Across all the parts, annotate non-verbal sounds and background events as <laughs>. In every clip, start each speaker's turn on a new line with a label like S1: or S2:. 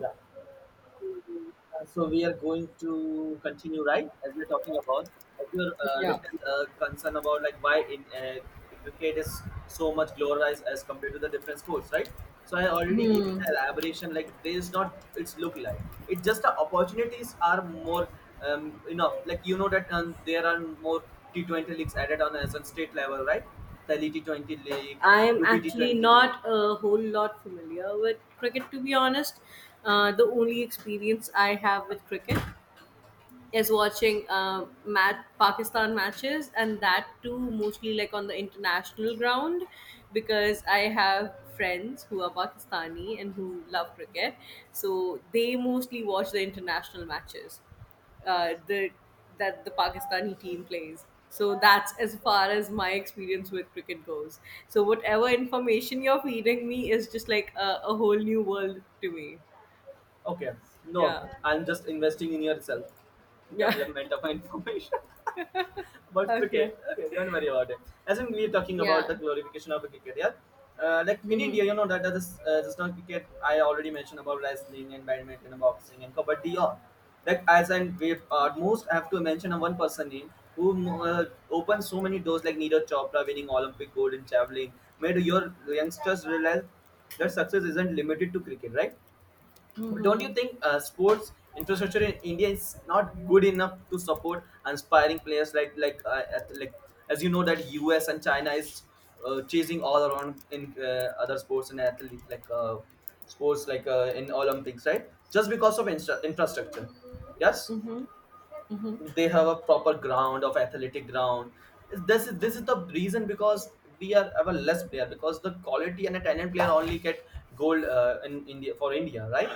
S1: Yeah. So we are going to continue, right? As we're talking about your
S2: Yeah.
S1: little concern about like why in cricket is so much glorified as compared to the different sports, right? So I already gave you
S2: Hmm.
S1: the elaboration. Like there is not its look like. It's just the opportunities are more enough. Like you know that there are more T20 leagues added on as on state level, right? The T20 league,
S2: I'm
S1: UP T
S2: actually
S1: Twenty league.
S2: not a whole lot familiar with cricket, to be honest. The only experience I have with cricket is watching Pakistan matches, and that too mostly like on the international ground because I have friends who are Pakistani and who love cricket, so they mostly watch the international matches the that the Pakistani team plays. So that's as far as my experience with cricket goes. So whatever information you're feeding me is just like a whole new world to me.
S1: Okay. No,
S2: Yeah,
S1: I'm just investing in yourself.
S2: yeah,
S1: Development of information <laughs>
S2: <laughs>
S1: about
S2: okay,
S1: cricket. Okay, don't worry about it. As in, we're talking about the
S2: yeah.
S1: glorification of cricket. Yeah. Like in India,
S2: Mm-hmm.
S1: you know that is just not cricket. I already mentioned about wrestling and badminton and boxing and kabaddi. All. Like as and we most have to mention a one person name who opened so many doors like Neeraj Chopra winning Olympic gold in javelin made your youngsters realize that success isn't limited to cricket, right? But don't you think sports infrastructure in India is not good enough to support aspiring players like as you know that US and China is chasing all around in other sports and athlete like sports like in Olympics, right? Just because of infrastructure. Yes,
S2: Mm-hmm. Mm-hmm.
S1: they have a proper ground of athletic ground. This is the reason because we are have a less player because the quality and a talent player only get gold in India for India, right?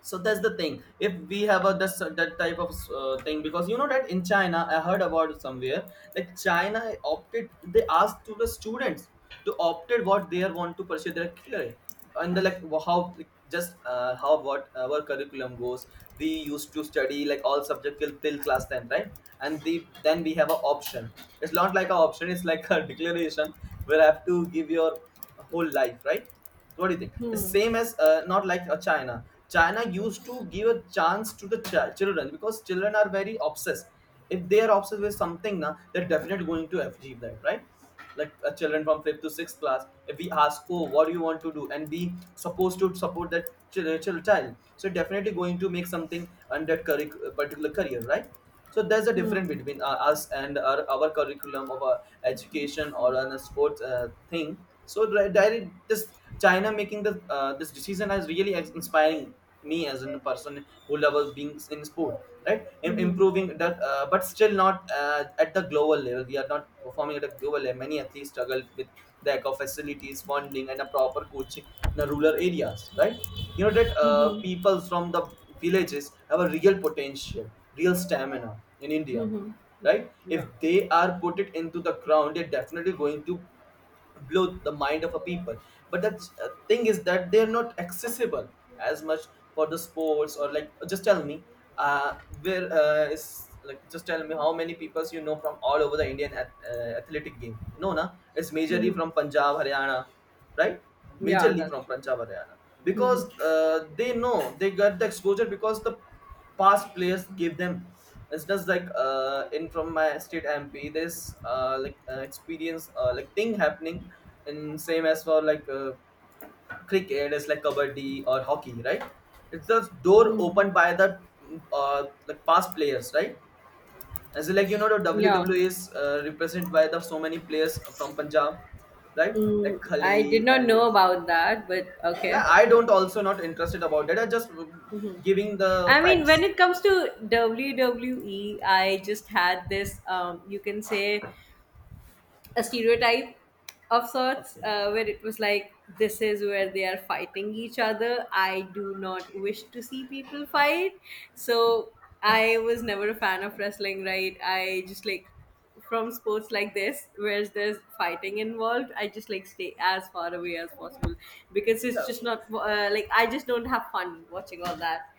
S1: So that's the thing if we have a this, that type of thing because you know that in China, I heard about it somewhere. Like China opted, they asked to the students to opted what they are want to pursue their career. And the like wh- how like, just how what our curriculum goes, we used to study like all subject till class 10, right? And then we have a option. It's not like a option, it's like a <laughs> declaration where I have to give your whole life, right? So what do you think? It's same as not like China. China used to give a chance to the children because children are very obsessed. If they are obsessed with something, na, they're definitely going to achieve that, right? Like children from fifth to sixth class, if we ask, "Oh, what do you want to do?" and we supposed to support that child, so definitely going to make something on that particular career, right? So there's a difference
S2: Mm-hmm.
S1: between us and our curriculum of our education or on a sports thing. So direct this, China making the this decision has really inspiring me as a person who loves being in sport, right? Improving that but still not at the global level, we are not performing at a global level. Many athletes struggle with lack of facilities, funding and a proper coaching in the rural areas, right? You know that people from the villages have a real potential, real stamina in India,
S2: Mm-hmm.
S1: right? If
S2: Yeah.
S1: they are put it into the ground, they're definitely going to blow the mind of a people. But the thing is that they're not accessible as much for the sports. Or like just tell me, uh where is like just tell me how many people you know from all over the Indian athletic game. No, na, it's majorly from Punjab Haryana, right?
S2: Yeah,
S1: Majorly
S2: that's
S1: from
S2: true.
S1: Punjab Haryana, because they know they got the exposure because the past players gave them. It's just like in from my state MP, there's like an experience like thing happening, and same as for like cricket, it's like kabaddi or hockey, right? It's the door opened by the like past players, right? As in, like you know, the
S2: Yeah.
S1: WWE is represented by the so many players from Punjab, right?
S2: Mm,
S1: Like
S2: I did
S1: Khali
S2: not
S1: and
S2: know about that, but okay.
S1: yeah, I don't also not interested about that. I just
S2: Mm-hmm.
S1: giving the
S2: I mean, when
S1: facts.
S2: it comes to WWE, I just had this, you can say, a stereotype of sorts
S1: Okay.
S2: where it was like this is where they are fighting each other. I do not wish to see people fight, so I was never a fan of wrestling, right? I just like, from sports like this where there's fighting involved, I just like stay as far away as possible because it's
S1: Yeah.
S2: just not I just don't have fun watching all that.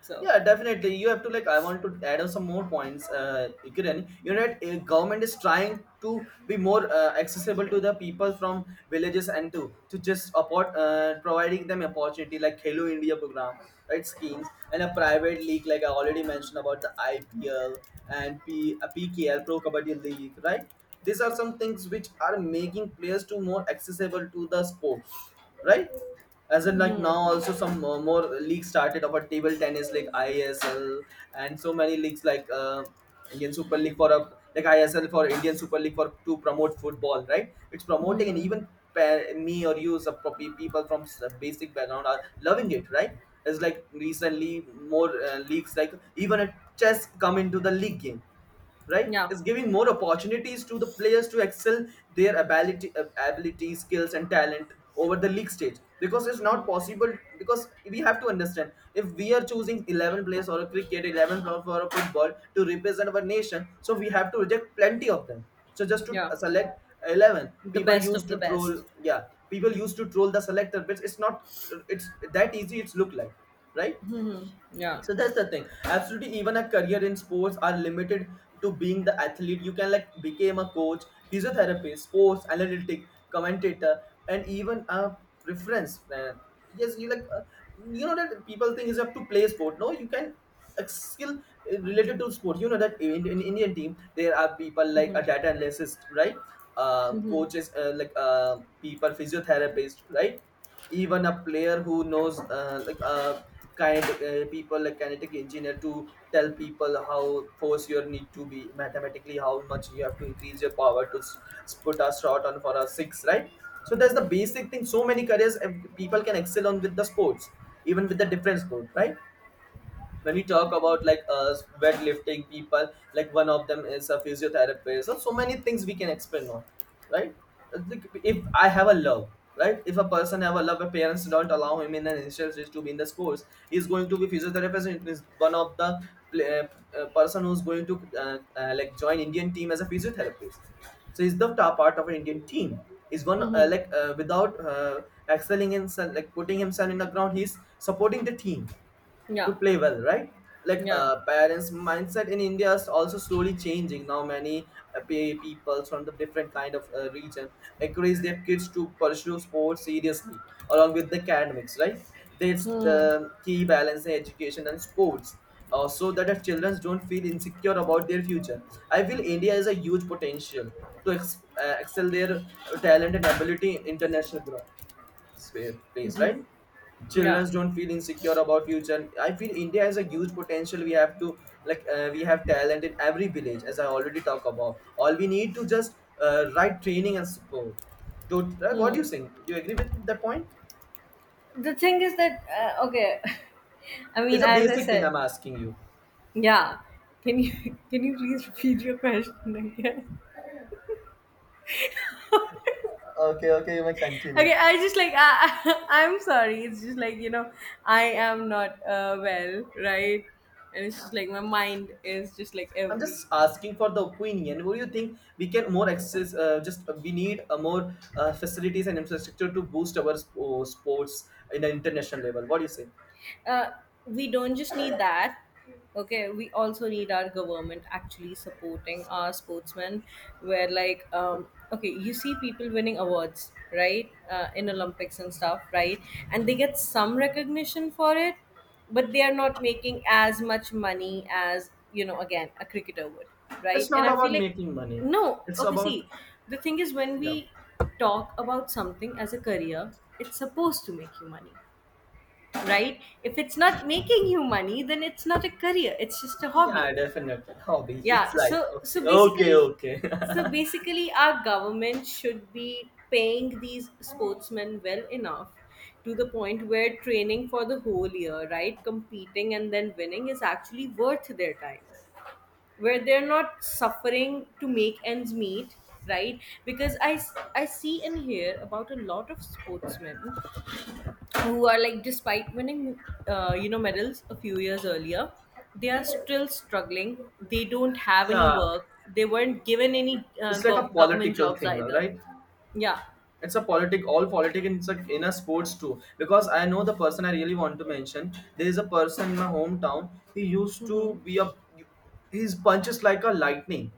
S2: So
S1: Yeah, definitely. You have to like. I want to add on some more points. Kiran, you know, that government is trying to be more accessible to the people from villages and to just support, providing them opportunity like Hello India program, right? Schemes and a private league like I already mentioned about the IPL and PKL Pro Kabaddi League, right? These are some things which are making players to more accessible to the sports, right? As in, like now, also some more leagues started of a table tennis, like ISL, and so many leagues like Indian Super League for a like ISL for Indian Super League for to promote football, right? It's promoting, and even me or you, some people from basic background are loving it, right? It's like recently more leagues, like even a chess come into the league game, right,
S2: yeah,
S1: is giving more opportunities to the players to excel their ability, skills and talent over the league stage, because it's not possible, because we have to understand if we are choosing 11 players or a cricket 11 for a football to represent our nation, so we have to reject plenty of them. So just to
S2: yeah.
S1: select 11
S2: The
S1: people,
S2: best of
S1: used
S2: the
S1: to troll,
S2: best.
S1: yeah, people used to troll the selector, but it's not, it's that easy it's look like, right?
S2: Yeah.
S1: So that's the thing. Absolutely, even a career in sports are limited to being the athlete. You can like become a coach, physiotherapist, sports analytic, commentator, and even a reference. Yes, you like you know that people think is up to play sport. No, you can a skill related to sport. You know that in Indian team there are people like a data analyst, right?
S2: Mm-hmm.
S1: Coaches people physiotherapist, right? Even a player who knows kinetic people like kinetic engineer to tell people how force you need to be mathematically, how much you have to increase your power to put a shot on for a six, right? So that's the basic thing. So many careers, people can excel on with the sports, even with the different sport, right? When we talk about like weightlifting, people like one of them is a physiotherapist. So so many things we can expand on, right? Like, if I have a love, right, if a person have a love, if parents don't allow him in an initial stage to be in the sports, he's going to be physiotherapist and is one of the person who's going to like join Indian team as a physiotherapist. So he's the top part of an Indian team. Is one
S2: Mm-hmm.
S1: like without excelling in like putting himself in the ground. He's supporting the team
S2: Yeah,
S1: to play well, right? Like
S2: yeah.
S1: parents' mindset in India is also slowly changing. Now many people from the different kind of region encourage their kids to pursue sports seriously along with the academics, right? That's
S2: Hmm.
S1: the key balance in education and sports. So that our children don't feel insecure about their future. I feel India has a huge potential to excel their talent and ability in international growth place, right?
S2: Yeah.
S1: Children don't feel insecure about future, I feel India has a huge potential, we have to like we have talent in every village as I already talk about, all we need to just right training and support to, right?
S2: Hmm.
S1: What do you think, do you agree with that point?
S2: The thing is that okay, <laughs> I mean,
S1: It's a
S2: as I
S1: basic thing
S2: said,
S1: I'm asking you.
S2: yeah. Can you <laughs> can you please repeat your question again? <laughs>
S1: Okay, okay, you may
S2: Okay,
S1: continue.
S2: I just like I, <laughs> I am sorry. It's just like, you know, I am not well, right? And it's just like my mind is just like
S1: I'm just
S2: every
S1: asking for the opinion. What do you think we can more access? Just We need a more facilities and infrastructure to boost our sports in an international level. What do you say?
S2: uh, we don't just need that. Okay, we also need our government actually supporting our sportsmen, where like, um, okay, you see people winning awards, right? In Olympics and stuff, right? And they get some recognition for it, but they are not making as much money as, you know, again, a cricketer would, right?
S1: It's
S2: And
S1: not
S2: I feel
S1: about
S2: like,
S1: making money.
S2: no,
S1: It's
S2: okay,
S1: about
S2: see, the thing is when
S1: yeah.
S2: we talk about something as a career, it's supposed to make you money, right? If it's not making you money, then it's not a career, it's just a hobby.
S1: Yeah, definitely. Hobby. It's
S2: Yeah,
S1: like
S2: so
S1: okay, okay, okay. <laughs>
S2: basically our government should be paying these sportsmen well enough to the point where training for the whole year, right? Competing and then winning is actually worth their time. Where they're not suffering to make ends meet, right? Because I see and hear about a lot of sportsmen who are like, despite winning you know, medals a few years earlier, they are still struggling, they don't have any
S1: Yeah.
S2: work, they weren't given any
S1: It's like a
S2: government
S1: political
S2: jobs
S1: thing, all
S2: either.
S1: right?
S2: Yeah.
S1: It's a politic, all politic in, in a sports too, because I know the person I really want to mention. There is a person in my hometown, he used to
S2: Mm-hmm.
S1: be a, his punches like a lightning,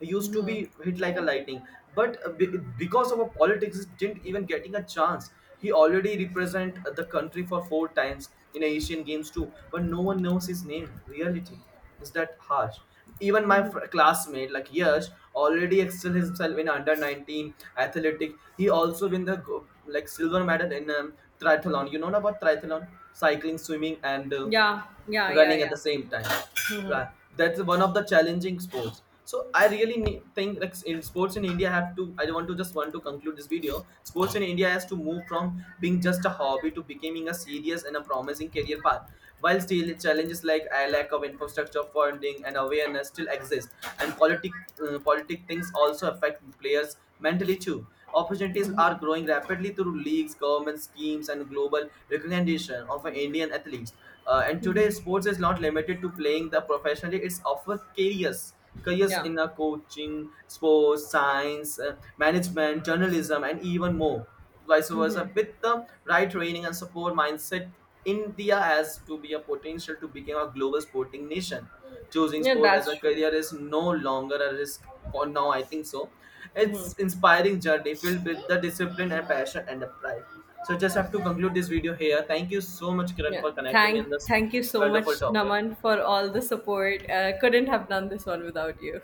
S1: he used to be
S2: Hmm.
S1: hit like a lightning, but because of a politics he didn't even getting a chance. He already represent the country for 4 times in Asian games too, but no one knows his name. Reality is that harsh. Even my classmate, like Yash, already excelled himself in under 19 athletic. He also win the like silver medal in triathlon. You know about triathlon, cycling, swimming, and
S2: Yeah, yeah, yeah,
S1: running at
S2: yeah.
S1: the same time.
S2: Mm-hmm.
S1: Right. That's one of the challenging sports. So I really need, think like in sports in India have to, I want to just want to conclude this video. Sports in India has to move from being just a hobby to becoming a serious and a promising career path. While still challenges like a lack of infrastructure, funding and awareness still exist, and politic, politic things also affect players mentally too. Opportunities are growing rapidly through leagues, government schemes and global recognition of Indian athletes. And today sports is not limited to playing the professionally, it's often careers
S2: Yeah.
S1: in coaching, sports, science, management, journalism, and even more. Vice versa, with the right training and support mindset, India has to be a potential to become a global sporting nation. Choosing
S2: Yeah,
S1: sport as
S2: that's
S1: a
S2: true.
S1: career is no longer a risk for now. I think so. It's inspiring journey filled with the discipline and passion and the pride. So just
S2: Yeah.
S1: have to conclude this video here. Thank you so much, Kiran,
S2: Yeah,
S1: for connecting me
S2: thank
S1: in this
S2: thank you so
S1: wonderful
S2: much,
S1: topic.
S2: Naman, for all the support. Couldn't have done this one without you.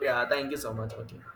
S1: Yeah, thank you so much. Okay.